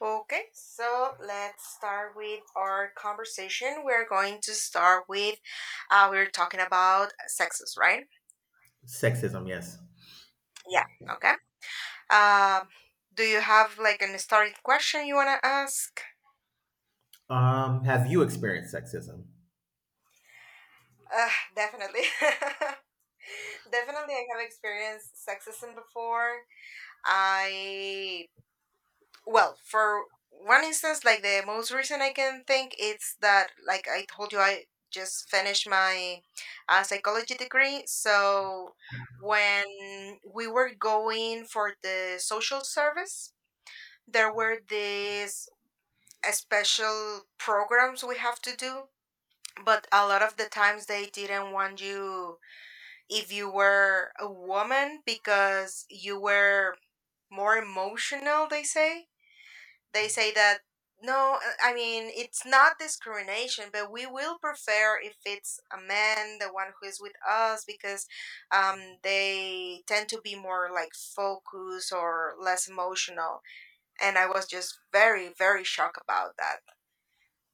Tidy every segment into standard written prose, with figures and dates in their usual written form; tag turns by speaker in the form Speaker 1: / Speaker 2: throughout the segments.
Speaker 1: Okay, so let's start with our conversation. We're going to start with we are talking about sexes, right?
Speaker 2: Sexism, yes.
Speaker 1: Yeah. Okay. Um, do you have like an starting question you wanna ask?
Speaker 2: Have you experienced sexism?
Speaker 1: Uh, definitely. Definitely, I have experienced sexism before. I Well, for one instance, like the most recent I can think, it's that like I told you, I just finished my psychology degree. So when we were going for the social service, there were these special programs we have to do. But a lot of the times they didn't want you if you were a woman because you were more emotional, they say that no, I mean it's not discrimination, but we will prefer if it's a man, the one who is with us, because they tend to be more like focused or less emotional. And I was just very, very shocked about that.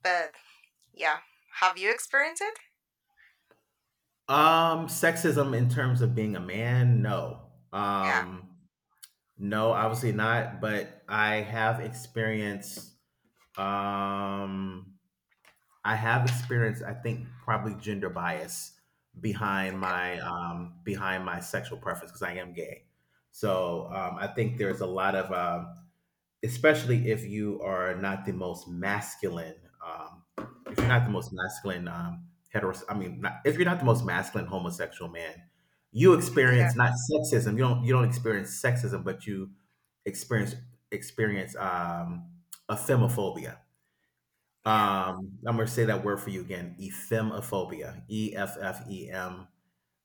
Speaker 1: But yeah, have you experienced it?
Speaker 2: Sexism in terms of being a man, no.
Speaker 1: Yeah.
Speaker 2: No, obviously not, but I have experienced um I think probably gender bias behind
Speaker 1: Okay.
Speaker 2: my sexual preference because I am gay. So, I think there's a lot of especially um if you're
Speaker 1: Mm,
Speaker 2: not the most masculine heteros I mean not, if you're not the most masculine homosexual man, you
Speaker 1: yeah.
Speaker 2: experience, not sexism, you don't, experience sexism, but you experience experience ephemophobia.
Speaker 1: Yeah.
Speaker 2: I'm going to say that word for you again, ephemophobia, EFFEM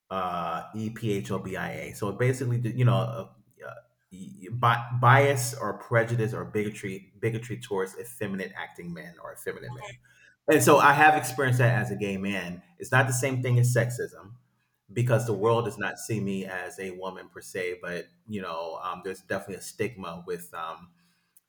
Speaker 2: ephobia. So it basically, yeah, bias or prejudice or bigotry, towards effeminate acting men or effeminate men. And so I have experienced that as a gay man. It's not the same thing as sexism because the
Speaker 1: Hmm.
Speaker 2: world does not see me as a woman per se, but there's definitely a stigma with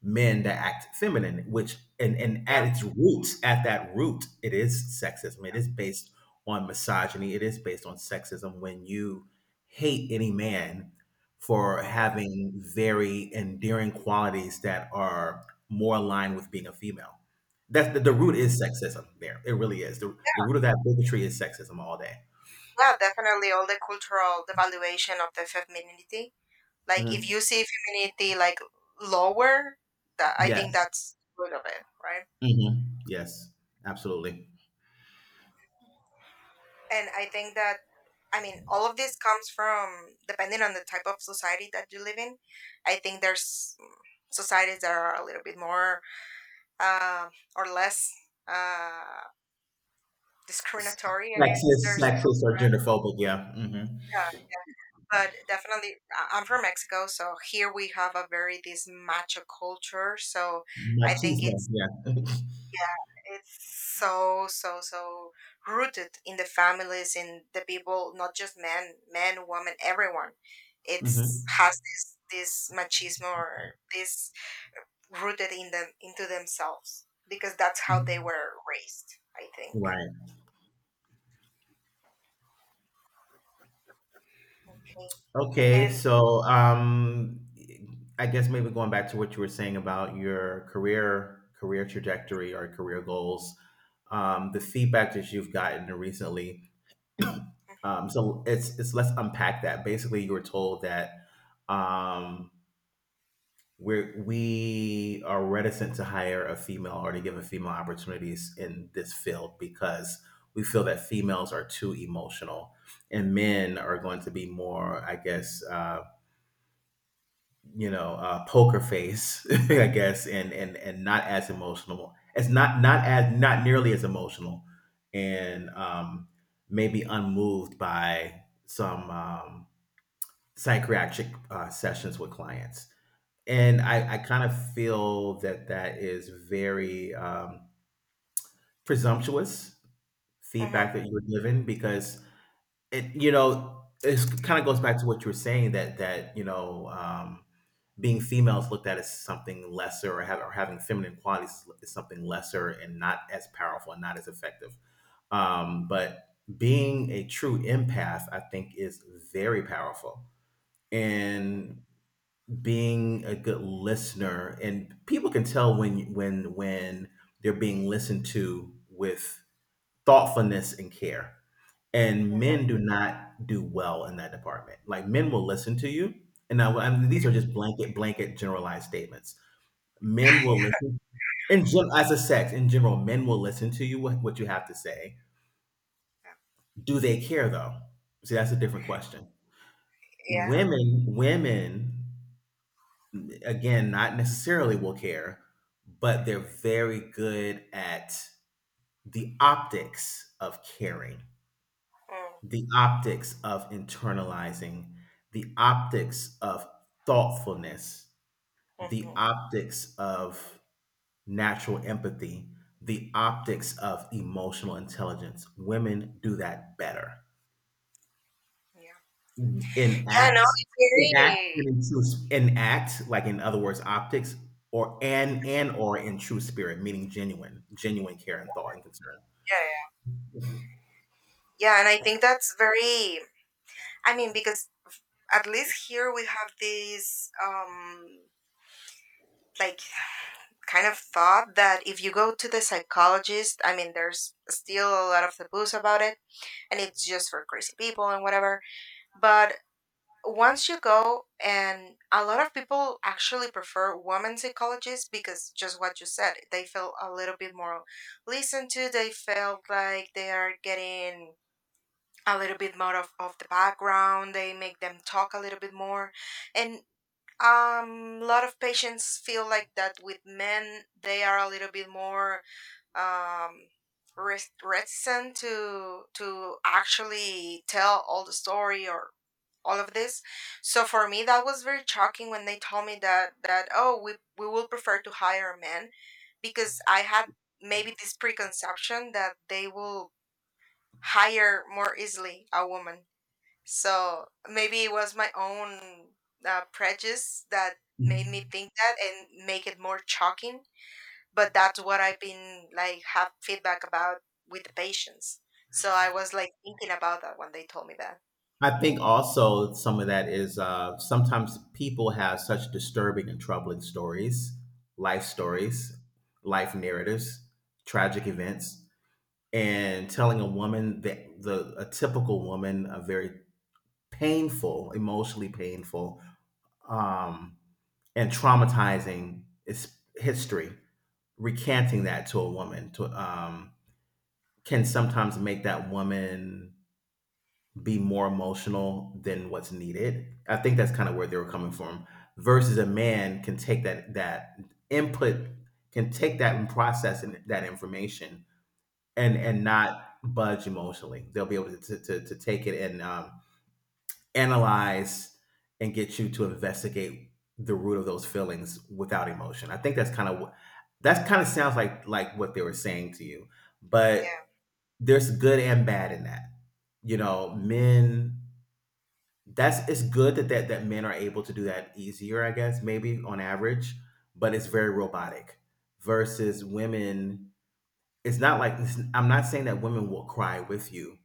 Speaker 2: men that act feminine, which and
Speaker 1: Yeah.
Speaker 2: at its roots, at that root, it is sexism. It is based on misogyny. It is based on sexism. When you hate any man for
Speaker 1: Hmm.
Speaker 2: having very endearing qualities that are more aligned with being a female, the
Speaker 1: Hmm.
Speaker 2: root is sexism. There, it really is. The root of that bigotry is sexism all day.
Speaker 1: Yeah. Definitely, all the cultural devaluation of the femininity. Like if
Speaker 2: Mhm.
Speaker 1: you see femininity like lower, that I think
Speaker 2: Yes.
Speaker 1: that's good of it, right?
Speaker 2: Hmm. Yes. Absolutely.
Speaker 1: And I think that I mean all of this comes from depending on the type of society that you live in. I think there's societies that are a little bit more uh, or less uh, discriminatory against
Speaker 2: Sexist,
Speaker 1: their
Speaker 2: sexist, or genderphobic. Yeah. Hmm.
Speaker 1: yeah, but definitely I'm from Mexico, so here we have a very this macho culture, so I think
Speaker 2: Machismo,
Speaker 1: it's
Speaker 2: yeah.
Speaker 1: yeah, it's so rooted in the families, in the people, not just men, men, women, everyone. It's
Speaker 2: Hmm.
Speaker 1: has this machismo or this rooted in them into themselves because that's how they were raised, I think.
Speaker 2: Right. Okay.
Speaker 1: And
Speaker 2: So, I guess maybe going back to what you were saying about your career trajectory or career goals, the feedback that you've gotten recently. So it's let's unpack that. Basically, you were told that um, we are reticent to hire a female or to give a female opportunities in this field because we feel that females are too emotional, and men are going to be more, I guess, poker face, I guess, and not as emotional, it's not nearly as emotional. And maybe unmoved by some psychiatric sessions with clients, and
Speaker 1: mhm,
Speaker 2: I kind of feel that is very, presumptuous
Speaker 1: mhm,
Speaker 2: feedback that you were given because it's kinda goes back to what you were saying, that being female is looked at as something lesser, or having feminine qualities is something lesser and not as powerful and not as effective. But being a true empath, I think, is very powerful.
Speaker 1: mhm,
Speaker 2: And being a good listener, and people can tell when they're being listened to with thoughtfulness and care. And
Speaker 1: mhm.
Speaker 2: men do not do well in that department. Like, men will listen to you, and now, I mean, these are just blanket generalized statements. Men will listen, as a sex in general, men will listen to you what you have to say. Do they care, though? See, that's a different question.
Speaker 1: Yeah,
Speaker 2: Women, again, not necessarily will care, but they're very good at the optics of caring,
Speaker 1: mm,
Speaker 2: the optics of internalizing, the optics of thoughtfulness, the
Speaker 1: mhm,
Speaker 2: optics of natural empathy, the optics of emotional intelligence. Women do that better.
Speaker 1: yeah,
Speaker 2: In
Speaker 1: yeah. No,
Speaker 2: act,
Speaker 1: it's
Speaker 2: in act,
Speaker 1: very
Speaker 2: and in true, in act, like, in other words, optics, or and or in true spirit, meaning genuine, genuine care and thought and concern.
Speaker 1: yeah, yeah, yeah. And I think that's very. I mean, because at least here we have this like kind of thought that if you go to the psychologist, I mean there's still a lot of taboos about it, and it's just for crazy people and whatever, but once you go, and a lot of people actually prefer women psychologists because just what you said, they feel a little bit more listened to, they feel like they are getting a little bit more of the background, they make them talk a little bit more, and lot of patients feel like that with men, they are a little bit more um, reticent to actually tell all the story or all of this. So for me, that was very shocking when they told me that that oh, we will prefer to hire a man, because I had maybe this preconception that they will hire more easily a woman. So maybe it was my own prejudice that made me think that and make it more shocking. But that's what I've been like have feedback about with the patients. So I was like thinking about that when they told me that.
Speaker 2: I think also some of that is, sometimes people have such disturbing and troubling
Speaker 1: Mm,
Speaker 2: stories, life narratives, tragic events, and telling a woman that, the a typical woman, a very painful, emotionally painful, um, and traumatizing is history, recanting that to a woman, can sometimes make that woman be more emotional than what's needed. I think that's kind of where they were coming from. Versus a man can take that input, can take that and process and that information, and
Speaker 1: yeah,
Speaker 2: not budge emotionally. They'll be able to take it and, analyze and get you to investigate the root of those feelings without emotion. I think that's kind of what, that kind of sounds like what they were saying to you.
Speaker 1: yeah,
Speaker 2: But there's good and bad in that. You know, men, that's, it's good that, that men are able to do that easier, I guess, maybe on average, but it's very robotic. Versus women, it's not like, it's, I'm not saying that women will cry with you,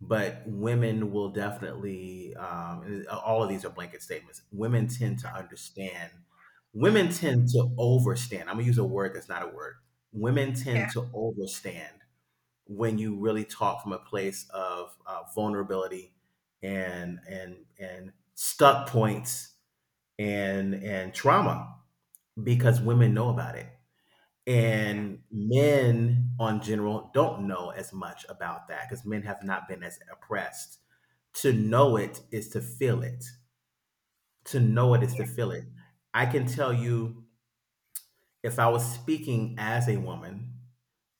Speaker 2: but women will definitely. And all of these are blanket statements. Women tend to understand. Women tend to overstand. I'm gonna use a word that's not a word. Women
Speaker 1: yeah,
Speaker 2: tend to overstand when you really talk from a place of vulnerability and stuck points and trauma, because women know about it,
Speaker 1: mhm. Yeah,
Speaker 2: and men, on general, don't know as much about that because men have not been as oppressed. To know it is to feel it. To know it is
Speaker 1: yeah,
Speaker 2: to feel it. I can tell you, if I was speaking as a woman,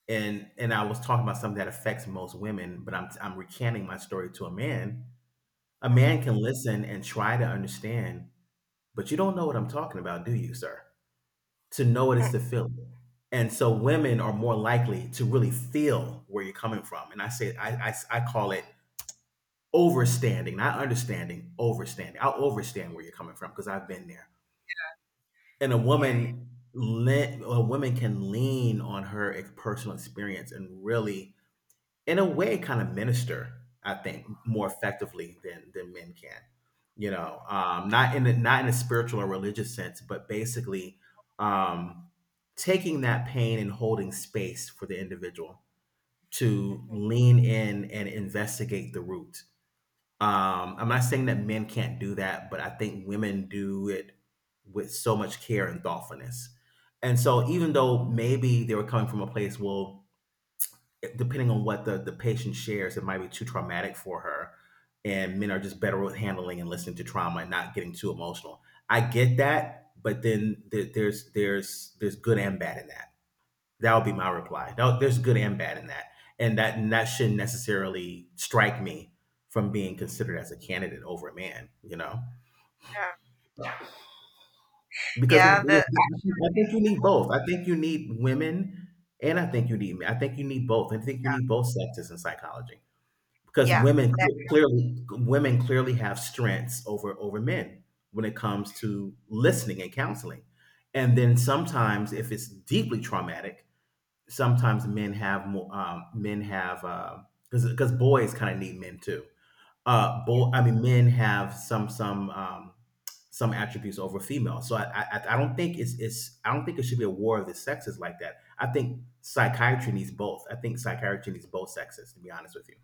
Speaker 2: and I was talking about something that affects most women, but I'm recanting my story to a man. A
Speaker 1: mhm.
Speaker 2: man can listen and try to understand, but you don't know what I'm talking about, do you, sir? To know what it's to feel it. And so women are more likely to really feel where you're coming from. And I say, I call it overstanding, not understanding, overstanding. I'll overstand where you're coming from because I've been there. And a
Speaker 1: Yeah, yeah.
Speaker 2: woman, a woman can lean on her personal experience and really, in a way, kind of minister, I think, more effectively than men can. Not in a spiritual or religious sense, but basically, um taking that pain and holding space for the individual to
Speaker 1: Mhm.
Speaker 2: lean in and investigate the root. I'm not saying that men can't do that, but I think women do it with so much care and thoughtfulness. And so, even though maybe they were coming from a place, well, depending on what the patient shares, it might be too traumatic for her. And men are just better with handling and listening to trauma and not getting too emotional. I get that, but then there's good and bad in that. That would be my reply. No, there's good and bad in that, and that shouldn't necessarily strike me from being considered as a candidate over a man. You know,
Speaker 1: Yeah.
Speaker 2: because
Speaker 1: Yeah, the
Speaker 2: I think you need both. I think you need women, and I think you need men. I think you need both. I think you need both sexes in psychology, because
Speaker 1: yeah,
Speaker 2: women
Speaker 1: that
Speaker 2: cle- clearly women clearly have strengths over men when it comes to listening and counseling. And then, sometimes, if it's deeply traumatic, sometimes men have more, men have because, boys kind of need men too,
Speaker 1: yeah,
Speaker 2: boy, I mean, men have some some attributes over females. So I don't think it should be a war of the sexes like that. I think psychiatry needs both. I think psychiatry needs both sexes, to be honest with you,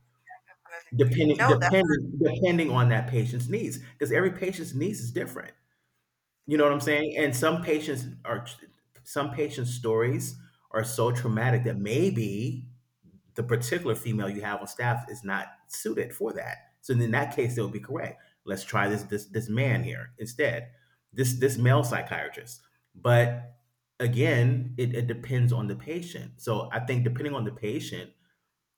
Speaker 1: definitely.
Speaker 2: depending
Speaker 1: No, that
Speaker 2: depending depending on that patient's needs, because every patient's needs is different. You know
Speaker 1: yeah,
Speaker 2: what I'm saying? And some patients are, some patients stories are so traumatic that maybe the particular female you have on staff is not suited for that. So in that case, they would be correct. Let's try this man here instead, this male psychiatrist. But again, it depends on the patient. So I think, depending on the patient,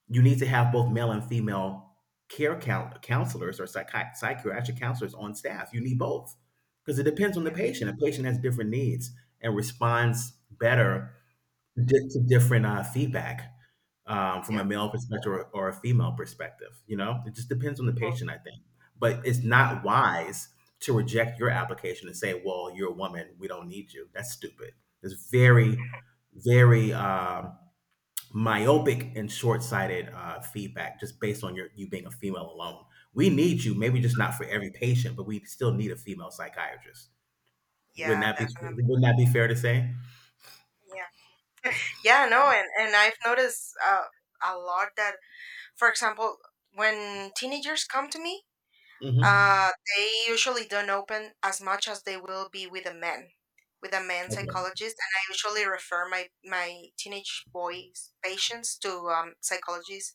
Speaker 2: you need to have both male and female counselors, or psychiatric counselors on staff. You need both because it depends on the
Speaker 1: yeah,
Speaker 2: patient. A patient has different needs and responds better, to different, feedback, from
Speaker 1: yeah,
Speaker 2: a male perspective, or a female perspective. You know, it just depends on the
Speaker 1: mm.
Speaker 2: patient, I think. But it's not wise to reject your application and say, "Well, you're a woman. We don't need you." That's stupid. It's very, very, myopic and short-sighted, feedback just based on you being a female alone. We need you, maybe just not for every patient, but we still need a female psychiatrist. Wouldn't
Speaker 1: Yeah,
Speaker 2: that be
Speaker 1: definitely.
Speaker 2: wouldn't that be fair to say?
Speaker 1: Yeah, no, and I've noticed a lot that, for example, when teenagers come to me,
Speaker 2: Mhm.
Speaker 1: they usually don't open as much as they will be with a man
Speaker 2: Okay.
Speaker 1: psychologist, and I usually refer my my teenage boys patients to psychologists,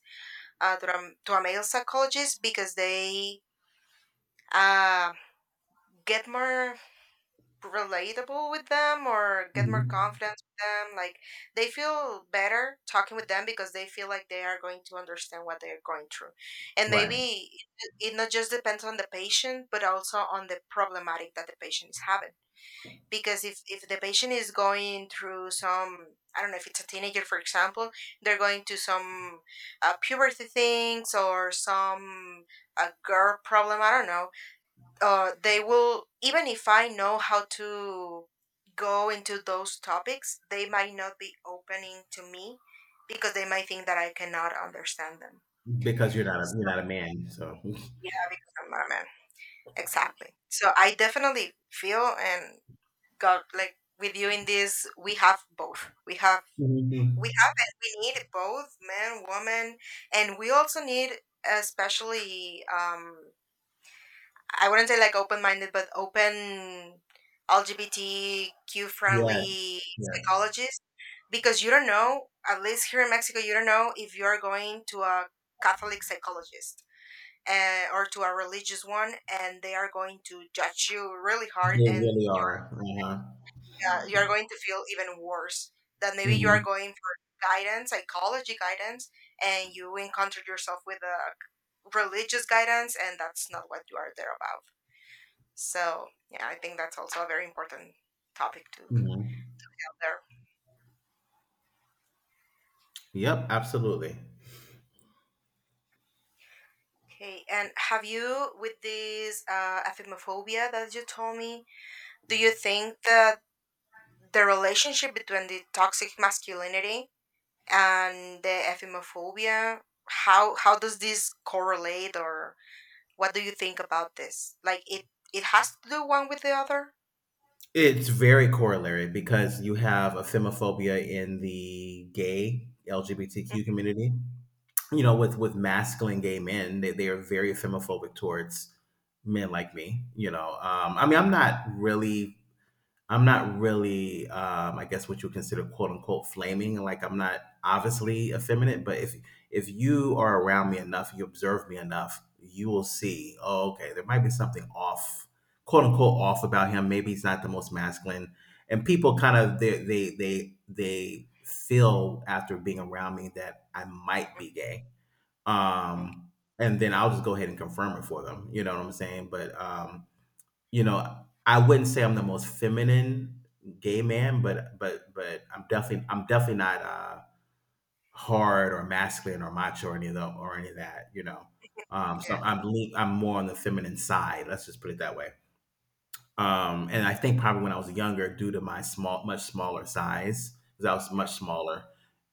Speaker 1: to a male psychologist, because they uh get more relatable with them or get more
Speaker 2: Mhm.
Speaker 1: confidence with them. Like they feel better talking with them because they feel like they are going to understand what they're going through. And
Speaker 2: Right.
Speaker 1: maybe it not just depends on the patient, but also on the problematic that the patient is having. Because if the patient is going through some, I don't know if it's a teenager, for example, they're going to some puberty things or some a girl problem. I don't know, they will, even if I know how to go into those topics they might not be opening to me, because they might think that I cannot understand them,
Speaker 2: Because
Speaker 1: so,
Speaker 2: you're not a man, so.
Speaker 1: yeah, because I'm not a man, exactly, so I definitely feel and got like with you in this, we have both, we have,
Speaker 2: Mhm.
Speaker 1: we have and we need both men women, and we also need especially I wouldn't say like open minded, but open LGBTQ
Speaker 2: Yes.
Speaker 1: friendly
Speaker 2: Yes.
Speaker 1: psychologist, because you don't know, at least here in Mexico, you don't know if you are going to a Catholic psychologist or to a religious one, and they are going to judge you really hard
Speaker 2: They
Speaker 1: and
Speaker 2: really are. Uh-huh.
Speaker 1: you're going to feel even worse. That maybe you are
Speaker 2: Mhm.
Speaker 1: going for guidance, psychology guidance, and you encountered yourself with a religious guidance and that's not what you are there about. So yeah, I think that's also a very important topic to have
Speaker 2: Mhm.
Speaker 1: there.
Speaker 2: Yep, absolutely.
Speaker 1: Okay, and have you with this aphimophobia that you told me? Do you think that the relationship between the toxic masculinity and the aphimophobia, how does this correlate, or what do you think about this? Like it has to do one with the other.
Speaker 2: It's very corollary because you have a femophobia in the gay LGBTQ community. You know, with masculine gay men, they are very femophobic towards men like me. You know, I mean, I'm not really, I guess, what you would consider "quote unquote" flaming. Like I'm not obviously effeminate, but if you are around me enough, you observe me enough, you will see. Oh, okay, there might be something off, "quote unquote" off about him. Maybe he's not the most masculine, and people kind of they feel after being around me that I might be gay.
Speaker 1: Mm, okay,
Speaker 2: Um, and then I'll just go ahead and confirm it for them. You know what I'm saying? But you know, I wouldn't say I'm the most feminine gay man, but I'm definitely not hard or masculine or macho or any or any of that. You know, so
Speaker 1: yeah.
Speaker 2: I'm lean, I'm more on the feminine side. Let's just put it that way. And I think probably when I was younger, due to my small, much smaller size, because I was much smaller,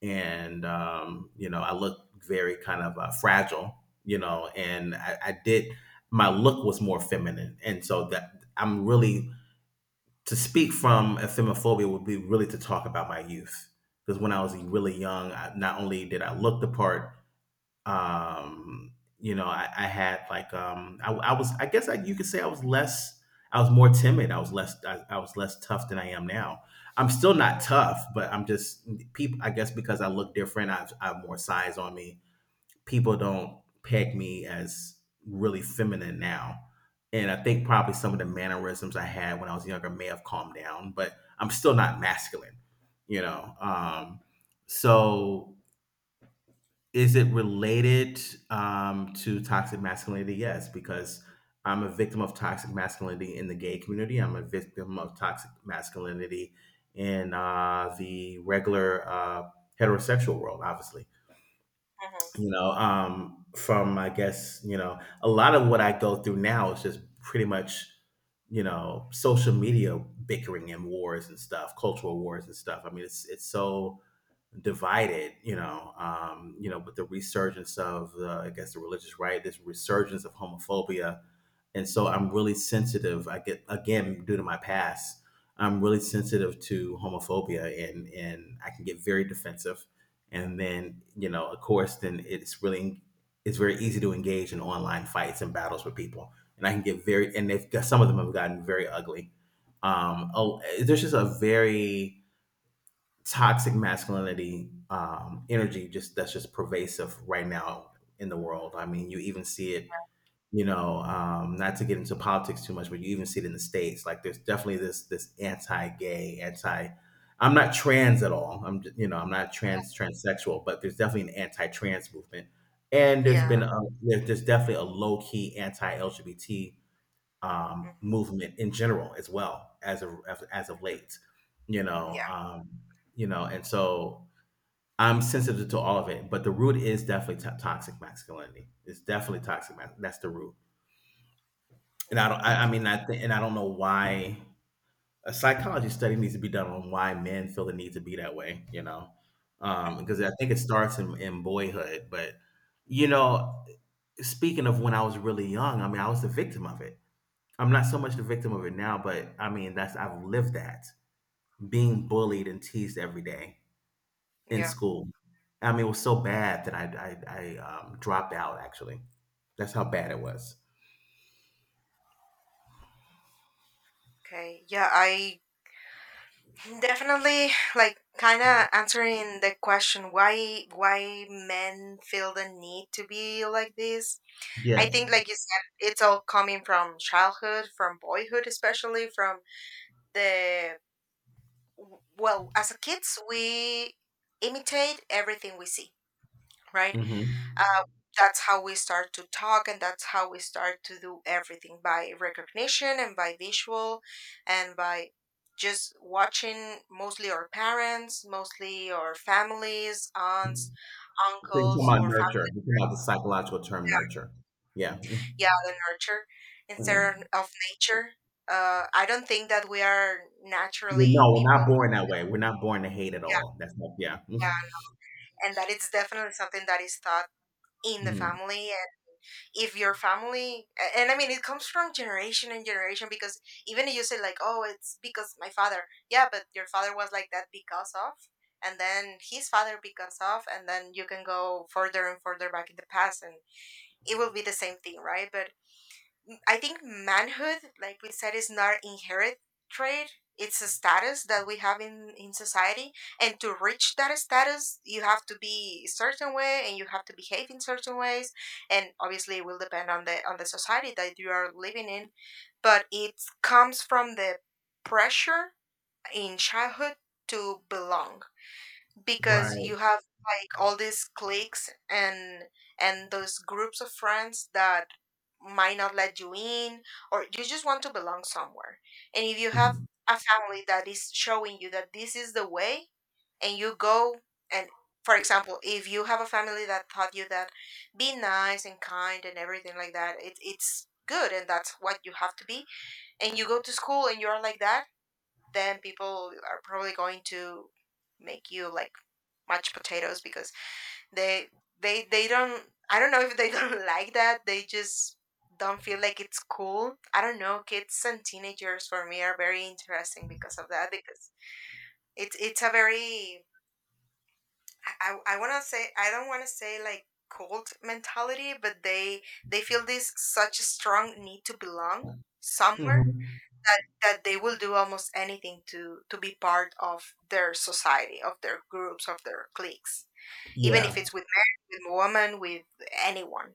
Speaker 2: and you know, I looked very kind of fragile. You know, and I did my look was more feminine, and so that I'm really to speak from ethimophobia would be really to talk about my youth because when I was really young, I, not only did I look the part, you know, I had like I was I guess you could say I was less I was more timid. I was less I was less tough than I am now. I'm still not tough, but I'm just people. I guess because I look different, I have more size on me people don't peg me as really feminine now. And I think probably some of the mannerisms I had when I was younger may have calmed down, but I'm still not masculine, you know. So is it related to toxic masculinity? Yes, because I'm a victim of toxic masculinity in the gay community. I'm a victim of toxic masculinity in the regular heterosexual world, obviously.
Speaker 1: Mm, mhm.
Speaker 2: You know, from, I guess, you know, a lot of what I go through now is just pretty much, you know, social media bickering and wars and stuff, cultural wars and stuff. I mean, it's so divided, you know, with the resurgence of the, I guess, the religious right, this resurgence of homophobia, and so I'm really sensitive. I get, again, due to my past, I'm really sensitive to homophobia, and I can get very defensive, and then, you know, of course, then it's really it's very easy to engage in online fights and battles with people, and I can get very and they've got, some of them have gotten very ugly. Oh, there's just a very toxic masculinity energy just that's just pervasive right now in the world. I mean, you even see it, you know, not to get into politics too much, but you even see it in the states. Like, there's definitely this anti-gay, anti. I'm not trans at all. You know, I'm not trans transsexual, but there's definitely an anti-trans movement, and there's
Speaker 1: Yeah.
Speaker 2: been a, there's definitely a low-key anti-LGBT
Speaker 1: Mhm,
Speaker 2: movement in general as well as of late, you know,
Speaker 1: yeah.
Speaker 2: um, you know, and so I'm sensitive to all of it, but the root is definitely to toxic masculinity. It's definitely toxic. That's the root, and I don't. I mean, I think, and I don't know why a psychology study needs to be done on why men feel the need to be that way. You know, because I think it starts in boyhood, but you know, speaking of when I was really young, I mean, I was the victim of it. I'm not so much the victim of it now, but I mean, that's I've lived that being bullied and teased every day
Speaker 1: Mm,
Speaker 2: in
Speaker 1: yeah.
Speaker 2: school. I mean, it was so bad that I dropped out. Actually, that's how bad it was.
Speaker 1: Okay. Yeah, I definitely, like kind of answering the question why men feel the need to be like this. I think,
Speaker 2: Yes.
Speaker 1: like you said, it's all coming from childhood, from boyhood, especially from the well, as a kids, we imitate everything we see, right?
Speaker 2: So
Speaker 1: uh, that's how we start to talk, and that's how we start to do everything by recognition and by visual and by just watching mostly our parents, mostly our families, aunts,
Speaker 2: you're talking
Speaker 1: uncles
Speaker 2: about
Speaker 1: or
Speaker 2: nurture.
Speaker 1: fam-
Speaker 2: You're talking about the psychological term nurture. Yeah. Mhm.
Speaker 1: yeah the nurture instead
Speaker 2: Mhm.
Speaker 1: of nature, I don't think that we are
Speaker 2: Well,
Speaker 1: naturally
Speaker 2: no, we're
Speaker 1: people
Speaker 2: not born that way. We're not born to hate at
Speaker 1: yeah,
Speaker 2: all. That's not. Yeah.
Speaker 1: yeah, and that it's definitely something that is taught in the
Speaker 2: Hmm.
Speaker 1: family. If your family, and I mean it comes from generation and generation, because even if you say like oh it's because my father, yeah, but your father was like that because of, and then his father because of, and then you can go further and further back in the past, and it will be the same thing, right? But I think manhood, like we said, is not an inherent trait. It's a status that we have in society. And to reach that status, you have to be a certain way and you have to behave in certain ways. And obviously it will depend on the society that you are living in. But it comes from the pressure in childhood to belong. Because
Speaker 2: Right.
Speaker 1: you have like all these cliques and those groups of friends that might not let you in, or you just want to belong somewhere, and if you have a family that is showing you that this is the way, and you go, and for example if you have a family that taught you that be nice and kind and everything like that, it, it's good and that's what you have to be, and you go to school and you're like that, then people are probably going to make you like mashed potatoes because they they don't, I don't know if they don't like that, they just don't feel like it's cool, I don't know, kids and teenagers for me are very interesting because of that, because it's a very want to say I don't want to say like cult mentality, but they feel this such a strong need to belong somewhere,
Speaker 2: Hmm.
Speaker 1: that that they will do almost anything to be part of their society, of their groups, of their cliques, even if
Speaker 2: Yeah.
Speaker 1: it's with men, with women, with anyone.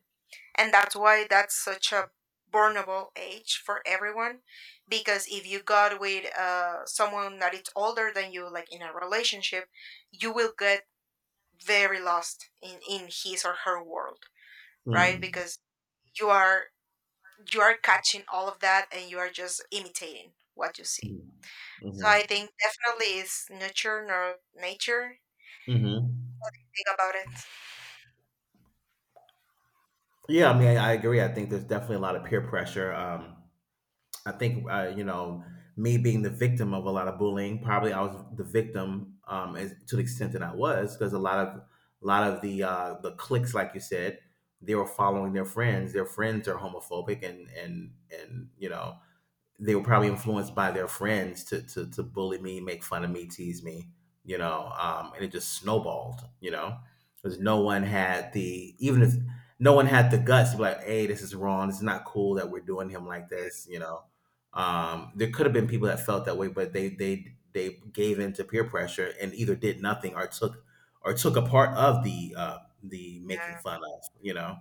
Speaker 1: And that's why that's such a vulnerable age for everyone, because if you got with someone that is older than you like in a relationship, you will get very lost in his or her world, right,
Speaker 2: Mm-hmm.
Speaker 1: because you are you are catching all of that and you are just imitating what you see, so I think definitely it's nurture nor nature,
Speaker 2: Hmm.
Speaker 1: what do you think about it?
Speaker 2: Yeah, I mean, I agree. I think there's definitely a lot of peer pressure. I think you know, me being the victim of a lot of bullying. Probably I was the victim to the extent that I was because a lot of the cliques, like you said, they were following their friends. Their friends are homophobic and and you know they were probably influenced by their friends to to bully me, make fun of me, tease me, you know, and it just snowballed, you know, because no one had the even if no one had the guts to be like, hey, this is wrong, this is not cool that we're doing him like this, you know. There could have been people that felt that way, but they gave in to peer pressure and either did nothing or took or took a part of the making
Speaker 1: Yeah,
Speaker 2: fun of, you know.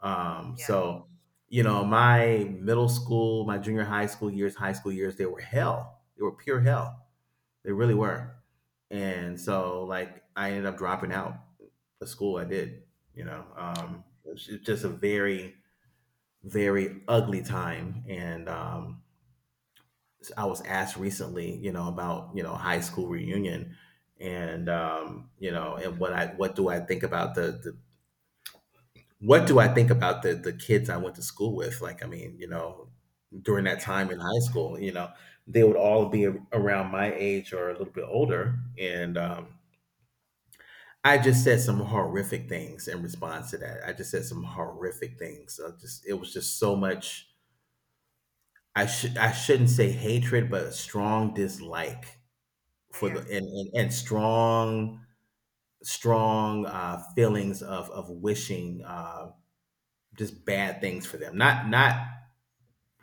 Speaker 2: Um,
Speaker 1: yeah,
Speaker 2: so you know, my middle school, my junior high school years, they were hell. They were pure hell. They really were. And so, like, I ended up dropping out of school I did, you know. It's just a very, very ugly time. And I was asked recently, you know, about, you know, high school reunion and, you know, and what do I think about the What do I think about the kids I went to school with? Like, I mean, you know, during that
Speaker 1: yeah,
Speaker 2: time in high school, you know, they would all be around my age or a little bit older, and I just said some horrific things in response to that. I just said some horrific things. I just it was just so much. I shouldn't say hatred, but a strong dislike for
Speaker 1: yeah,
Speaker 2: the and strong strong feelings of wishing just bad things for them. Not not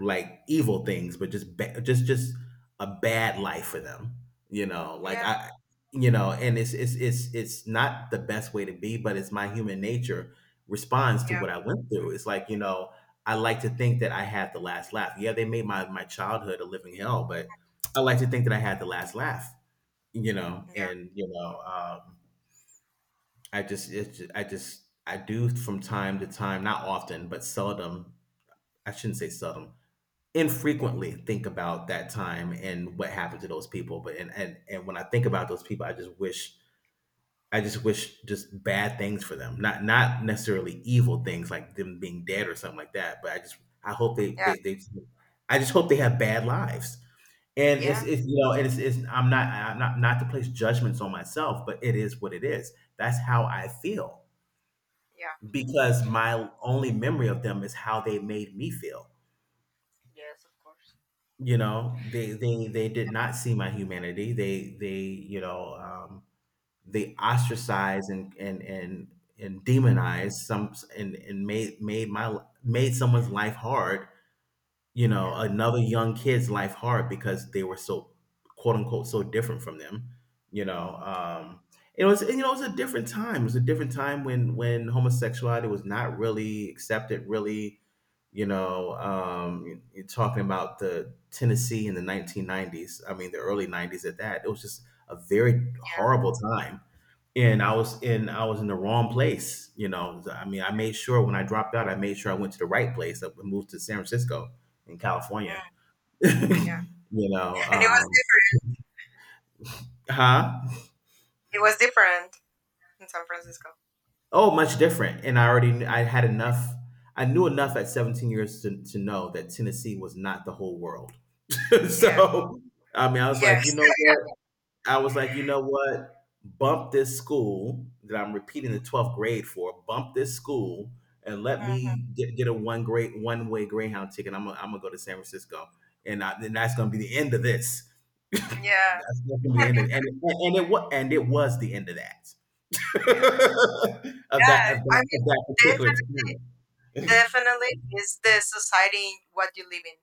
Speaker 2: like evil things, just a bad life for them. You know, like
Speaker 1: yeah.
Speaker 2: I, you know, and it's not the best way to be, but it's my human nature responds to
Speaker 1: Yeah,
Speaker 2: what I went through. It's like, you know, I like to think that I had the last laugh. Yeah, they made my childhood a living hell, but I like to think that I had the last laugh. You know,
Speaker 1: yeah,
Speaker 2: and you know, I just it's I just I do from time to time, not often, but seldom. I shouldn't say seldom, infrequently think about that time and what happened to those people, but and when I think about those people I just wish I just wish just bad things for them, not not necessarily evil things like them being dead or something like that, but I just I hope
Speaker 1: yeah,
Speaker 2: they I just hope they have bad lives, and
Speaker 1: yeah,
Speaker 2: it's, you know, and it's I'm not not to place judgments on myself, but it is what it is, that's how I feel
Speaker 1: yeah.
Speaker 2: because my only memory of them is how they made me feel.
Speaker 1: Yes, of course.
Speaker 2: You know, they did not see my humanity. They, you know, they ostracized and demonized some and made made my made someone's life hard, you know,
Speaker 1: Yeah,
Speaker 2: another young kid's life hard because they were so, quote unquote, so different from them. You know, it was, you know, it was a different time. It was a different time when homosexuality was not really accepted. Really, you know, you're talking about the Tennessee in the 1990s. I mean, the early 90s at that. It was just a very
Speaker 1: yeah,
Speaker 2: horrible time, and I was in the wrong place. You know, I mean, I made sure when I dropped out, I made sure I went to the right place. I moved to San Francisco in California.
Speaker 1: mm, yeah.
Speaker 2: You know,
Speaker 1: And it was different.
Speaker 2: huh?
Speaker 1: It was different in San Francisco.
Speaker 2: Oh, much different. And I already I had enough. I knew enough at 17 years to know that Tennessee was not the whole world.
Speaker 1: Yeah.
Speaker 2: So, I mean, I was
Speaker 1: Yes.
Speaker 2: like, you know what? I was like, you know what? Bump this school that I'm repeating the 12th grade for. Bump this school and let
Speaker 1: Hmm.
Speaker 2: me get a one way Greyhound ticket. I'm gonna go to San Francisco, then that's gonna be the end of this. That's
Speaker 1: Yeah.
Speaker 2: gonna be the end of and it was the end of that
Speaker 1: Yeah. Yeah. I mean,
Speaker 2: of that particular
Speaker 1: def-
Speaker 2: experience.
Speaker 1: definitely is the society what you live in,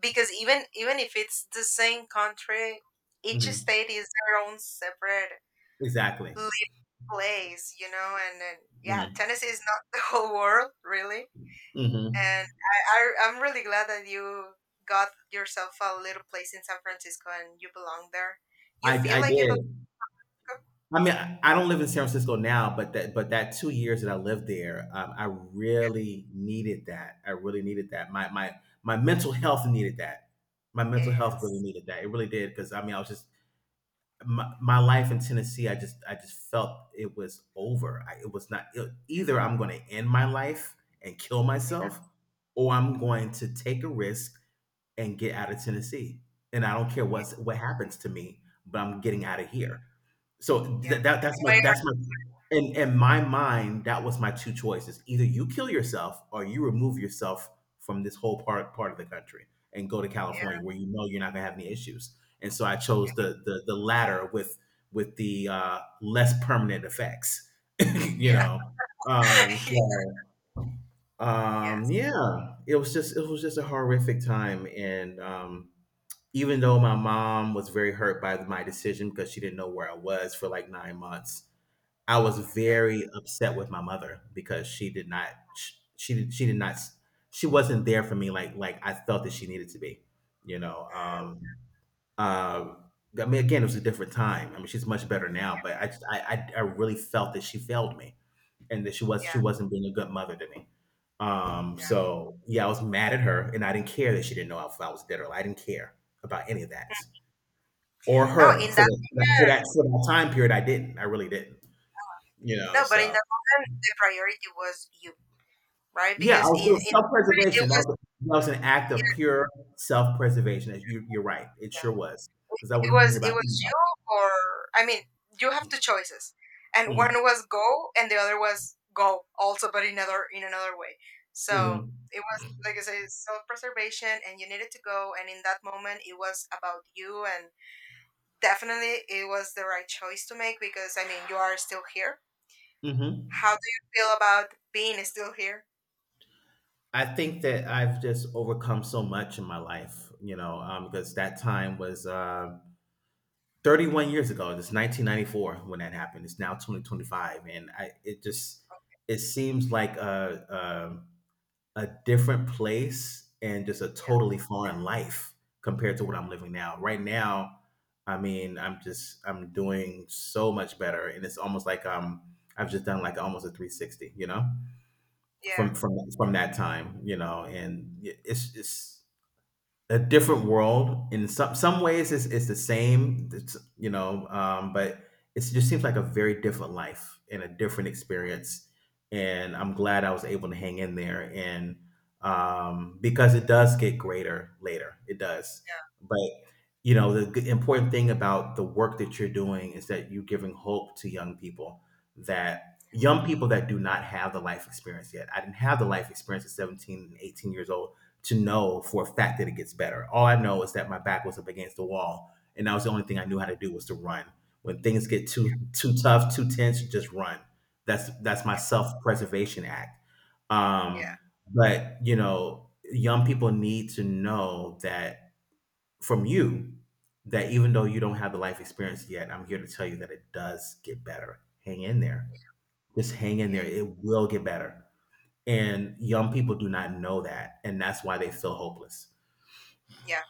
Speaker 1: because even even if it's the same country, each
Speaker 2: Mhm.
Speaker 1: state is their own separate
Speaker 2: Exactly.
Speaker 1: living place, you know. And yeah,
Speaker 2: Mhm.
Speaker 1: Tennessee is not the whole world, really.
Speaker 2: Mhm.
Speaker 1: And I'm really glad that you got yourself a little place in San Francisco and you belong there. You
Speaker 2: I
Speaker 1: feel
Speaker 2: I
Speaker 1: like you belong?
Speaker 2: did. I mean, I don't live in San Francisco now, but that 2 years that I lived there, I really needed that. I really needed that. My mental health needed that. My mental health really
Speaker 1: Yes.
Speaker 2: needed that. It really did because I mean, I was just my life in Tennessee. I just felt it was over. I, it was not it, either. I'm going to end my life and kill
Speaker 1: Yeah.
Speaker 2: myself, or I'm going to take a risk and get out of Tennessee. And I don't care
Speaker 1: Yeah.
Speaker 2: what happens to me, but I'm getting out of here. So
Speaker 1: Yeah.
Speaker 2: th- that that's
Speaker 1: Way
Speaker 2: my that's
Speaker 1: or-
Speaker 2: my in my mind that was my two choices. Either you kill yourself or you remove yourself from this whole part of the country and go to
Speaker 1: yeah.
Speaker 2: California where you know you're not gonna have any issues. And so I chose
Speaker 1: Yeah.
Speaker 2: the latter with the less permanent effects, you know. Um, so
Speaker 1: Yes.
Speaker 2: yeah, it was just a horrific time, and even though my mom was very hurt by my decision because she didn't know where I was for like 9 months, I was
Speaker 1: Okay.
Speaker 2: very upset with my mother because she did not sh she did not she wasn't there for me like I felt that she needed to be, you know,
Speaker 1: Mm,
Speaker 2: um, uh, I mean, again, it was a different time. I mean, she's much better now, but I just I really felt that she failed me and that she
Speaker 1: yeah.
Speaker 2: wasn't being a good mother to me.
Speaker 1: Yeah.
Speaker 2: Yeah, I was mad at her and I didn't care that she didn't know if I was dead or alive. I didn't care about any of that or
Speaker 1: No,
Speaker 2: her
Speaker 1: in that
Speaker 2: for that time period. I didn't. I really didn't. You know,
Speaker 1: no, but in
Speaker 2: so
Speaker 1: that moment the priority was you, right?
Speaker 2: yeah,
Speaker 1: Because in
Speaker 2: it
Speaker 1: in it
Speaker 2: self-preservation.
Speaker 1: was
Speaker 2: That was an act of
Speaker 1: yeah.
Speaker 2: pure self-preservation. As you're right. It sure was because I wasn't thinking
Speaker 1: It
Speaker 2: about
Speaker 1: was you or I mean, you have two choices. And one
Speaker 2: anybody.
Speaker 1: was go and the other was go also but in another way.
Speaker 2: Mm,
Speaker 1: So
Speaker 2: mm,
Speaker 1: it was like I say, self preservation and you needed to go and in that moment it was about you and definitely it was the right choice to make because I mean you are still here.
Speaker 2: mhm.
Speaker 1: How do you feel about being still here?
Speaker 2: I think that I've just overcome so much in my life, because that time was 31 years ago. It's 1994 when that happened. It's now 2025, and I it just it seems like a different place and just a totally foreign life compared to what I'm living now. Right now, I mean, I'm doing so much better, and it's almost like I've just done like almost a 360, you know,
Speaker 1: Yeah. Yeah.
Speaker 2: from that time, you know, and it's a different world. In some ways, it's the same. But it just seems like a very different life and a different experience. And I'm glad I was able to hang in there, and because it does get greater later, it does.
Speaker 1: Yeah.
Speaker 2: But you know, the important thing about the work that you're doing is that you're giving hope to young people that do not have the life experience yet. I didn't have the life experience at 17 and 18 years old to know for a fact that it gets better. All I know is that my back was up against the wall, and that was the only thing I knew how to do was to run. When things get too tough, too tense, just run. That's my
Speaker 1: Yeah.
Speaker 2: self preservation act.
Speaker 1: Yeah.
Speaker 2: Um, but you know, young people need to know that from you that even though you don't have the life experience yet, I'm here to tell you that it does get better. Hang in there. Just hang in
Speaker 1: Yeah.
Speaker 2: there. It will get better. And
Speaker 1: Yeah.
Speaker 2: young people do not know that, and that's why they feel hopeless.
Speaker 1: Yeah,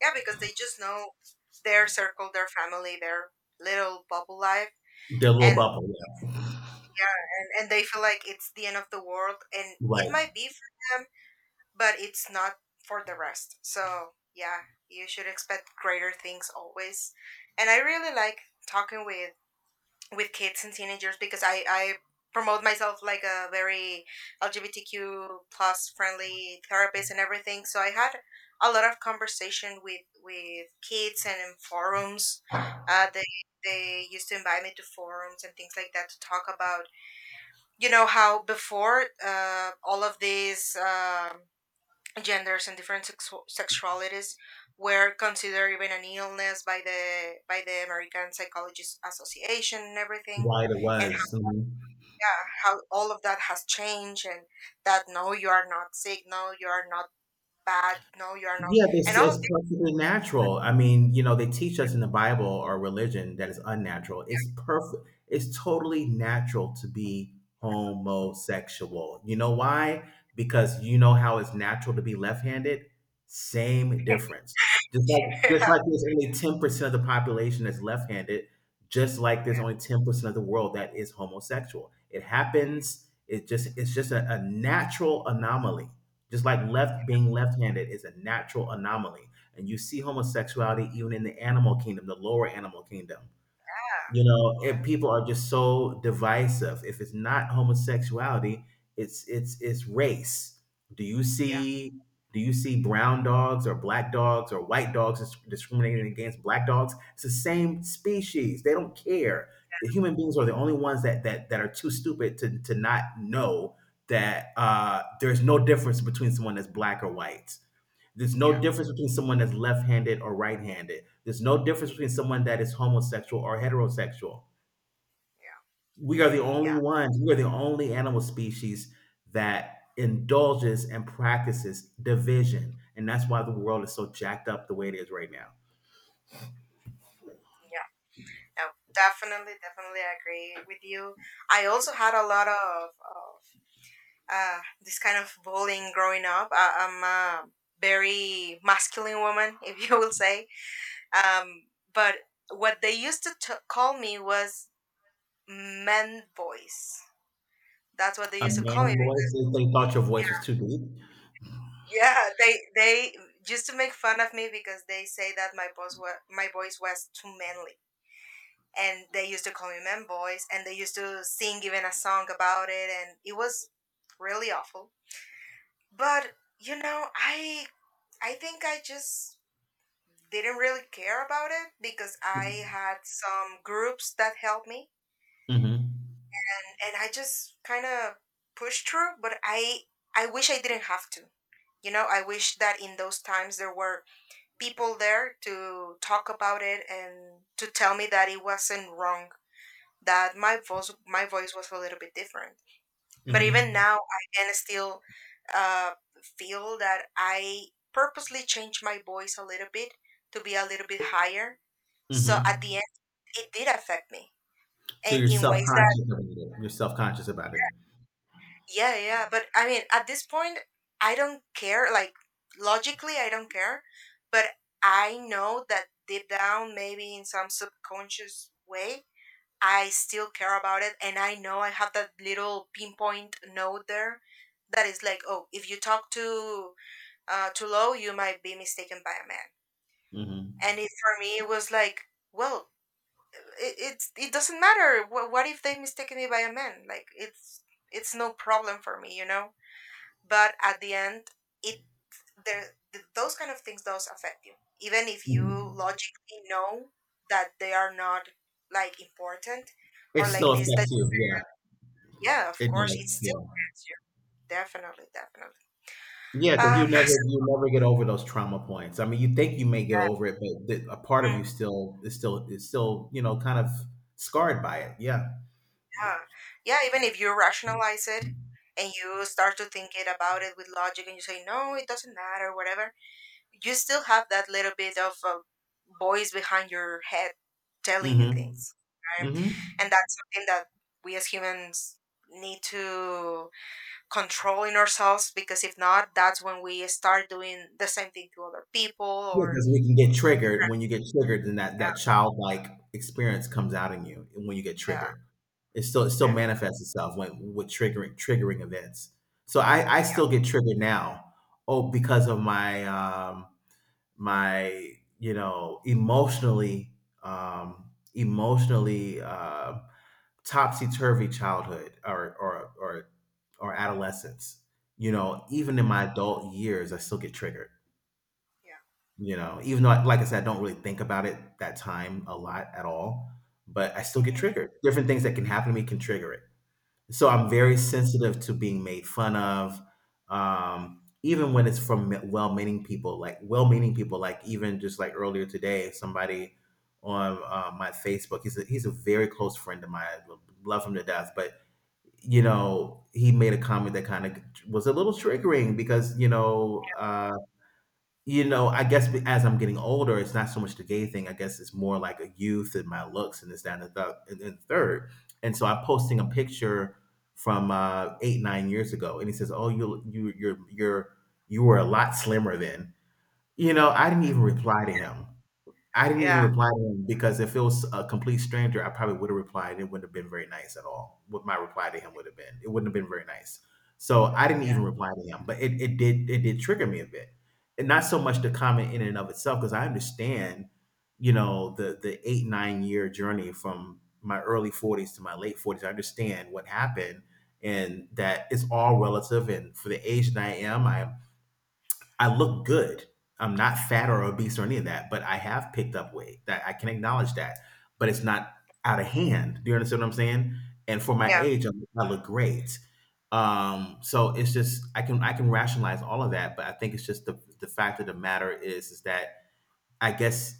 Speaker 1: yeah, because they just know their circle, their family, their little bubble life
Speaker 2: Their little
Speaker 1: and
Speaker 2: bubble, yeah.
Speaker 1: and they feel like it's the end of the world and it
Speaker 2: Right.
Speaker 1: might be for them but it's not for the rest, so yeah, you should expect greater things always. And I really like talking with kids and teenagers because I promote myself like a very LGBTQ plus friendly therapist and everything, so I had a lot of conversation with kids and in forums. uh, they they used to invite me to forums and things like that to talk about, you know, how before all of these genders and different sexualities were considered even an illness by the American Psychologists Association and everything,
Speaker 2: Right, it
Speaker 1: and
Speaker 2: was. Hmm.
Speaker 1: yeah, how all of that has changed and that no, you are not sick, no, you are not bad, no, you are not,
Speaker 2: Yeah, this
Speaker 1: and all of
Speaker 2: is perfectly natural. I mean, you know, they teach us in the Bible or religion that it's unnatural. It's perfect. It's totally natural to be homosexual. You know why? Because you know how it's natural to be left-handed? Same difference. Just like
Speaker 1: yeah,
Speaker 2: just like there's only 10% of the population that's left-handed, just like there's
Speaker 1: yeah,
Speaker 2: only 10% of the world that is homosexual. It happens. It just it's just a natural anomaly. Just like left being left-handed is a natural anomaly. And you see homosexuality even in the animal kingdom, the lower animal kingdom. You know,
Speaker 1: yeah,
Speaker 2: and people are just so divisive. If it's not homosexuality, it's race. Do you
Speaker 1: yeah,
Speaker 2: see do you see brown dogs or black dogs or white dogs discriminating against black dogs? It's the same species. They don't care. The human beings are the only ones that are too stupid to not know that there's no difference between someone that's black or white. There's
Speaker 1: yeah,
Speaker 2: no difference between someone that's left handed or right handed. There's no difference between someone that is homosexual or heterosexual.
Speaker 1: yeah,
Speaker 2: We are the only animal species that indulges and practices division. And that's why the world is so jacked up the way it is right now.
Speaker 1: yeah. No, definitely, definitely agree with you. I also had a lot of. This kind of bullying growing up. I'm a very masculine woman, if you will say. Um, but what they used to call me was man voice. That's what they
Speaker 2: A
Speaker 1: used to call me.
Speaker 2: man voice,
Speaker 1: Because,
Speaker 2: they thought your voice was too deep.
Speaker 1: yeah, they used to make fun of me because they say that my voice was too manly, and they used to call me man voice, and they used to sing even a song about it, and it was really awful. But you know, I think I just didn't really care about it because I had some groups that helped me
Speaker 2: Mm-hmm.
Speaker 1: and I just kind of pushed through, but I wish I didn't have to. You know, I wish that in those times there were people there to talk about it and to tell me that it wasn't wrong, that my voice was a little bit different. But even
Speaker 2: Mm-hmm.
Speaker 1: now I can still uh, feel that I purposely changed my voice a little bit to be a little bit higher so at the
Speaker 2: Mm-hmm.
Speaker 1: it did affect me
Speaker 2: So
Speaker 1: and
Speaker 2: you're
Speaker 1: in
Speaker 2: self
Speaker 1: ways that
Speaker 2: conscious about it. You're self conscious about it.
Speaker 1: yeah yeah, but I mean at this point I don't care, like logically I don't care, but I know that deep down maybe in some subconscious way I still care about it and I know I have that little pinpoint note there that is like, oh, if you talk too too low you might be mistaken by a man.
Speaker 2: Mhm.
Speaker 1: And it, for me it was like, well, it, it's it doesn't matter. What if they mistake me by a man? Like it's no problem for me, you know. But at the end it there those kind of things does affect you even if
Speaker 2: Mhm.
Speaker 1: you logically know that they are not like important
Speaker 2: It
Speaker 1: or like
Speaker 2: still
Speaker 1: this that
Speaker 2: affects you. Yeah,
Speaker 1: yeah, of
Speaker 2: it
Speaker 1: course it
Speaker 2: does. Yeah,
Speaker 1: still affects you, definitely definitely.
Speaker 2: yeah, because
Speaker 1: um
Speaker 2: you never get over those trauma points. I mean, you think you may get
Speaker 1: so,
Speaker 2: over it, but a part of you still is still you know kind of scarred by it. Yeah.
Speaker 1: yeah yeah, even if you rationalize it and you start to think it about it with logic and you say no it doesn't matter whatever, you still have that little bit of a voice behind your head telling you
Speaker 2: Mm-hmm.
Speaker 1: things, right?
Speaker 2: Mm-hmm.
Speaker 1: And that's something that we as humans need to control in ourselves, because if not that's when we start doing the same thing to other people
Speaker 2: Yeah,
Speaker 1: or
Speaker 2: because we can get triggered. When you get triggered, then that childlike experience comes out in you. And when you get
Speaker 1: yeah
Speaker 2: triggered, it still
Speaker 1: def-
Speaker 2: manifests itself when with triggering events. So I
Speaker 1: yeah
Speaker 2: still get triggered now. Oh, because of my my you know emotionally emotionally topsy turvy childhood or adolescence. You know,
Speaker 1: yeah
Speaker 2: even in my adult years, I still get triggered.
Speaker 1: yeah
Speaker 2: You know, even though, like I said, I don't really think about it that time a lot at all, but I still get
Speaker 1: hmm
Speaker 2: triggered. Different things that can happen to me can trigger it. So I'm
Speaker 1: yeah
Speaker 2: very sensitive to being made fun of,
Speaker 1: mhm.
Speaker 2: even when it's from well-meaning people. Like well-meaning people, like even just like earlier today, somebody on my Facebook. He's a very close friend of mine. I love him to death, but you know, he made a comment that kind of was a little triggering because you know, I guess be as I'm getting older, it's not so much the gay thing. I guess it's more like a youth and my looks and this, that, and and then third. And so I'm posting a picture from eight, 9 years ago, and he says, "Oh, you're, you were a lot slimmer then." You know, I didn't even reply to him. I didn't even
Speaker 1: Yeah
Speaker 2: reply to him because if it was a complete stranger, I probably would have replied. It wouldn't have been very nice at all. What my reply to him would have been, it wouldn't have been very nice. So I didn't
Speaker 1: yeah
Speaker 2: even reply to him, but it did trigger me a bit, and not so much the comment in and of itself because I understand, you know, the 8 nine year journey from my early forties to my late forties. I understand what happened, and that it's all relative. And for the age that I am, I look good. I'm not fat or obese or any of that, but I have picked up weight. That I can acknowledge that, but it's not out of hand. Do you understand what I'm saying? And for my
Speaker 1: yeah
Speaker 2: age, I look great. It's just I can rationalize all of that, but I think it's just the fact of the matter is that I guess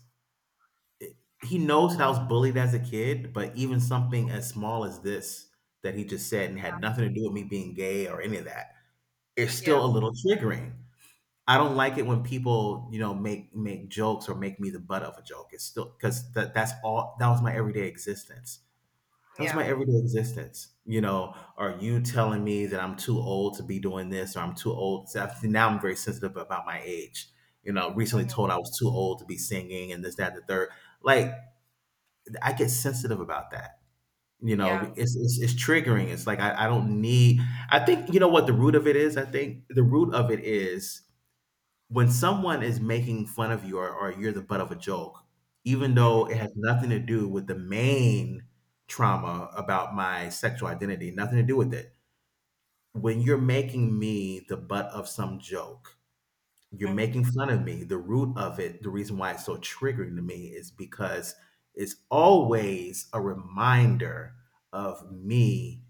Speaker 2: he knows that I was bullied as a kid, but even something as small as this that he just said and had nothing to do with me being gay or any of that, it's
Speaker 1: yeah
Speaker 2: still a little triggering. I don't like it when people, you know, make jokes or make me the butt of a joke. It's still because that's all that was my everyday existence. That was
Speaker 1: yeah
Speaker 2: my everyday existence. You know, are you telling me that I'm too old to be doing this or I'm too old? So now I'm very sensitive about my age. You know, recently told
Speaker 1: hmm
Speaker 2: I was too old to be singing and this, that, the third. Like I get sensitive about that. You
Speaker 1: yeah
Speaker 2: know, it's triggering. It's like I don't need. I think you know what the root of it is. I think the root of it is when someone is making fun of you or you're the butt of a joke, even
Speaker 1: hmm
Speaker 2: though it has nothing to do with the main trauma about my sexual identity, nothing to do with it. When you're making me the butt of some joke, you're making fun of me. The root of it, the reason why it's so triggering to me is because it's always a reminder of me,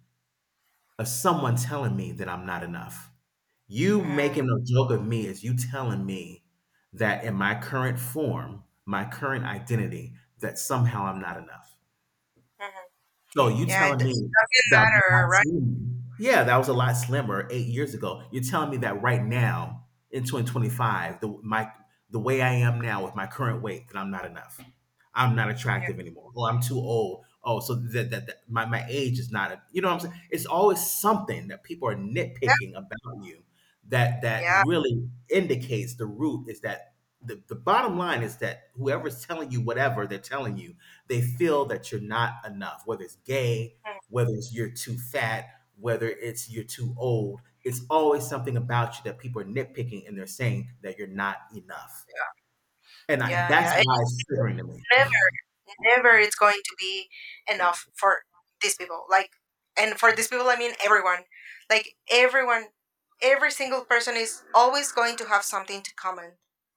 Speaker 2: of someone telling me that I'm not enough. You
Speaker 1: hmm
Speaker 2: making a joke of me is you telling me that in my current form, my current identity, that somehow I'm not enough.
Speaker 1: hmm
Speaker 2: So you
Speaker 1: yeah it
Speaker 2: telling me
Speaker 1: doesn't
Speaker 2: that was a
Speaker 1: matter
Speaker 2: lot
Speaker 1: right
Speaker 2: slimmer. Yeah, that was a lot slimmer 8 years ago. You're telling me that right now in 2025, the my the way I am now with my current weight, that I'm not enough. I'm not
Speaker 1: yeah
Speaker 2: attractive anymore. Oh, I'm too old. Oh, so that my, my age is not a, you know what I'm saying? It's always something that people are
Speaker 1: yeah
Speaker 2: nitpicking about you that that
Speaker 1: yeah
Speaker 2: really indicates the root is that the bottom line is that whoever's telling you whatever they're telling you they feel that you're not enough, whether it's gay,
Speaker 1: mhm.
Speaker 2: whether it's you're too fat, whether it's you're too old. It's always something about you that people are nitpicking and they're saying that you're not enough. And I,
Speaker 1: Yeah
Speaker 2: that's
Speaker 1: yeah
Speaker 2: why it's triggering to me.
Speaker 1: never never it's going to be enough for these people, like, and for these people I mean everyone, like everyone, every single person is always going to have something to comment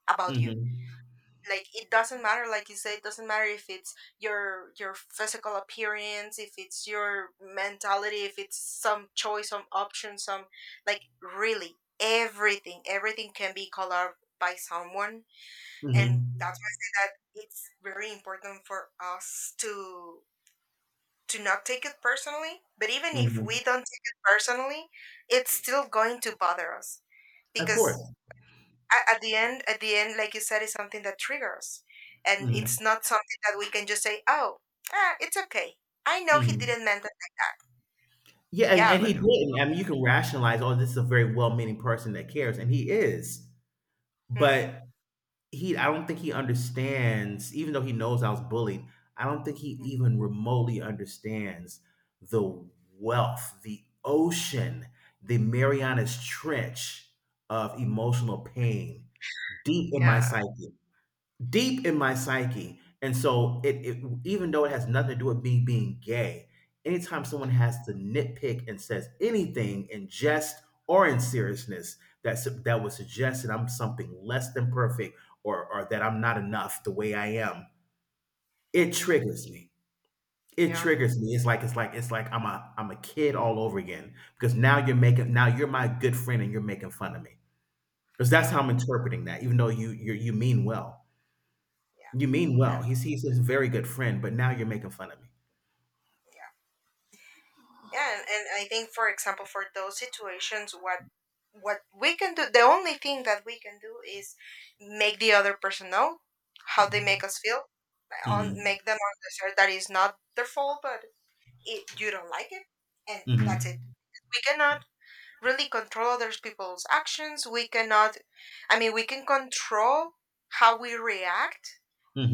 Speaker 1: about you.
Speaker 2: hmm
Speaker 1: Like it doesn't matter, like you said, it doesn't matter if it's your physical appearance, if it's your mentality, if it's some choice some option some, like really everything everything can be colored by someone. And that's
Speaker 2: hmm
Speaker 1: why I say that it's very important for us to not take it personally. But even if we
Speaker 2: hmm
Speaker 1: don't take it personally, it's still going to bother us
Speaker 2: Of course.
Speaker 1: because a- at the end, like you said, it's something that triggers, and it's
Speaker 2: hmm
Speaker 1: not something that we can just say, "Oh, ah, it's okay. I know he
Speaker 2: hmm
Speaker 1: didn't meant it like that."
Speaker 2: Yeah, and,
Speaker 1: Yeah,
Speaker 2: and
Speaker 1: but
Speaker 2: he didn't. I mean, you can rationalize, oh, this is a very well-meaning person that cares, and he is.
Speaker 1: mm,
Speaker 2: But he, I don't think he understands, even though he knows I was bullied, I don't think he even remotely understands the wealth, the ocean, the Marianas Trench of emotional pain deep in my
Speaker 1: yeah,
Speaker 2: psyche, deep in my psyche. And so it even though it has nothing to do with me being gay, anytime someone has to nitpick and says anything in jest or in seriousness that would suggest that I'm something less than perfect or that I'm not enough the way I am, it
Speaker 1: hmm,
Speaker 2: triggers me. It
Speaker 1: yeah,
Speaker 2: triggers me. It's like it's like I'm a kid all over again because now you're my good friend and you're making fun of me because that's
Speaker 1: yeah,
Speaker 2: how I'm interpreting that. Even though you mean well,
Speaker 1: yeah,
Speaker 2: you mean well. He's
Speaker 1: definitely.
Speaker 2: he's a very good friend, but now you're making fun of me.
Speaker 1: Yeah. Yeah, and I think, for example, for those situations, what we can do, the only thing that we can do is make the other person know how they make us feel, on
Speaker 2: Mhm.
Speaker 1: make them understand that it's not their fault, but it, you don't like it, and
Speaker 2: Mhm.
Speaker 1: that's it.
Speaker 2: Mhm.
Speaker 1: We cannot really control other people's actions. We cannot, I mean, we can control how we react,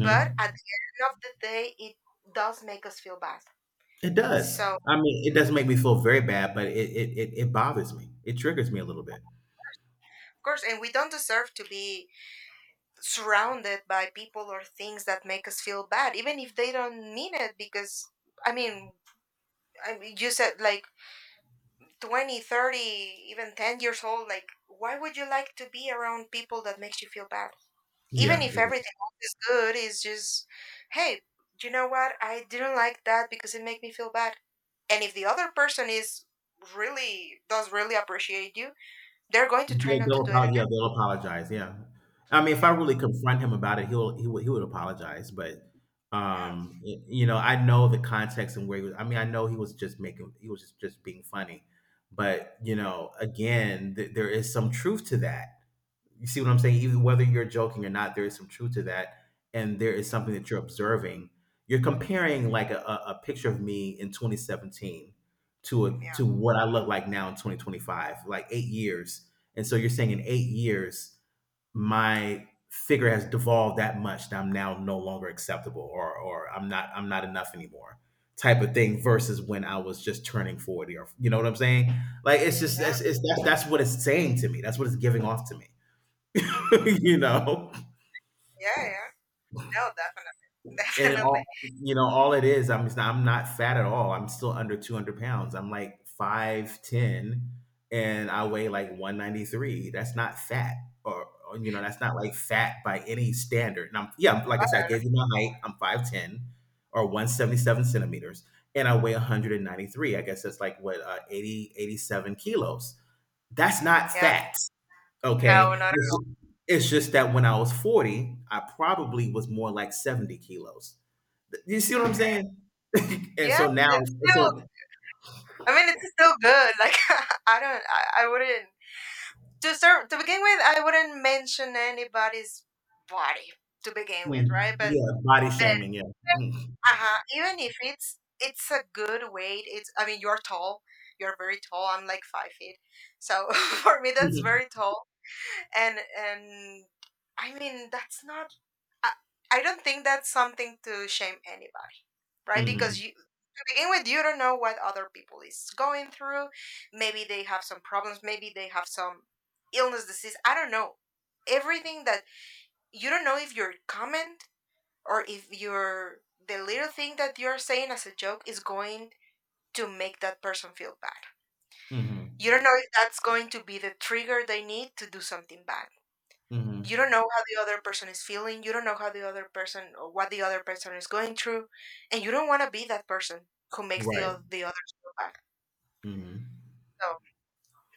Speaker 1: but at the end of the day, it does make us feel bad.
Speaker 2: It does.
Speaker 1: So, of
Speaker 2: I mean, it doesn't make me feel very bad, but it bothers me. It triggers me a little bit.
Speaker 1: course, and we don't deserve to be surrounded by people or things that make us feel bad even if they don't mean it because i mean I mean, you said like 20, 30, even 10 years old, like why would you like to be around people that makes you feel bad even
Speaker 2: Yeah,
Speaker 1: if
Speaker 2: exactly.
Speaker 1: everything else is good is just, hey, you know what, I didn't like that because it made me feel bad. And if the other person is really does really appreciate you, they're going to try
Speaker 2: They'll,
Speaker 1: not to
Speaker 2: they'll
Speaker 1: do it
Speaker 2: apologize. Yeah,
Speaker 1: again.
Speaker 2: they'll apologize. Yeah. I mean, if I
Speaker 1: Yeah
Speaker 2: really confront him about it, he would apologize. But
Speaker 1: yeah
Speaker 2: you know, I know the context and where he was. I mean, I know he was just just being funny. But you
Speaker 1: yeah
Speaker 2: know, again, there is some truth to that. You see what I'm saying? Even whether you're joking or not, there is some truth to that, and there is something that you're observing. You're comparing like a picture of me in 2017 to a
Speaker 1: yeah yeah
Speaker 2: to what I look like now in 2025, like 8 years. And so you're saying in 8 years, my figure has devolved that much that I'm now no longer acceptable, or I'm not enough anymore, type of thing. Versus when I was just turning 40, or you know what I'm saying? Like it's just
Speaker 1: yeah
Speaker 2: that's it's, that's what it's saying to me. That's what it's giving off to me.
Speaker 1: hmm
Speaker 2: You know,
Speaker 1: yeah yeah no, definitely.
Speaker 2: and it
Speaker 1: Definitely.
Speaker 2: all, you know, all it is, I'm not fat at all. I'm still under 200 pounds. I'm like 5'10 and I weigh like 193. That's not fat or, you know, that's not like fat by any standard. And I'm, yeah, like I said, I gave you my height. I'm 5'10 or 177 centimeters and I weigh 193. I guess that's like what, 80, 87 kilos. That's not
Speaker 1: Yeah.
Speaker 2: fat.
Speaker 1: No,
Speaker 2: Okay.
Speaker 1: not
Speaker 2: It's just that when I was 40, I probably was more like 70 kilos. You see what I'm
Speaker 1: okay.
Speaker 2: saying? And
Speaker 1: Yeah,
Speaker 2: so
Speaker 1: but
Speaker 2: now,
Speaker 1: it's still
Speaker 2: so
Speaker 1: I mean it's still good. Like I don't I wouldn't to start to begin with I wouldn't mention anybody's body to begin with,
Speaker 2: mm,
Speaker 1: right? But
Speaker 2: yeah, body shaming, yeah. Mm.
Speaker 1: uh-huh. Even if it's it's a good weight, it's I mean you're tall. You're very tall. I'm like 5 feet. So for me that's
Speaker 2: Mhm.
Speaker 1: very tall. And I mean that's not. I, I don't think that's something to shame anybody, right? Because you to begin with, you don't know what other people is going through. Maybe they have some problems. Maybe they have some illness, disease. I don't know. Everything that you don't know if your comment or if your the little thing that you're saying as a joke is going to make that person feel bad.
Speaker 2: Mhm.
Speaker 1: You don't know if that's going to be the trigger they need to do something bad. You
Speaker 2: Mhm.
Speaker 1: don't know how the other person is feeling, you don't know how the other person or what the other person is going through, and you don't want to be that person who makes the,
Speaker 2: Right.
Speaker 1: the others feel bad.
Speaker 2: Mhm.
Speaker 1: So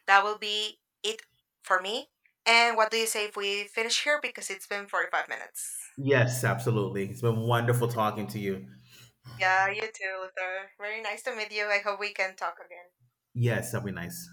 Speaker 1: that will be it for me, and what do you say if we finish here, because it's been 45 minutes.
Speaker 2: Yes, absolutely. It's been wonderful talking to you.
Speaker 1: Yeah, you too, Luther, very nice to meet you, I hope we can talk again.
Speaker 2: Yes, that'd be nice.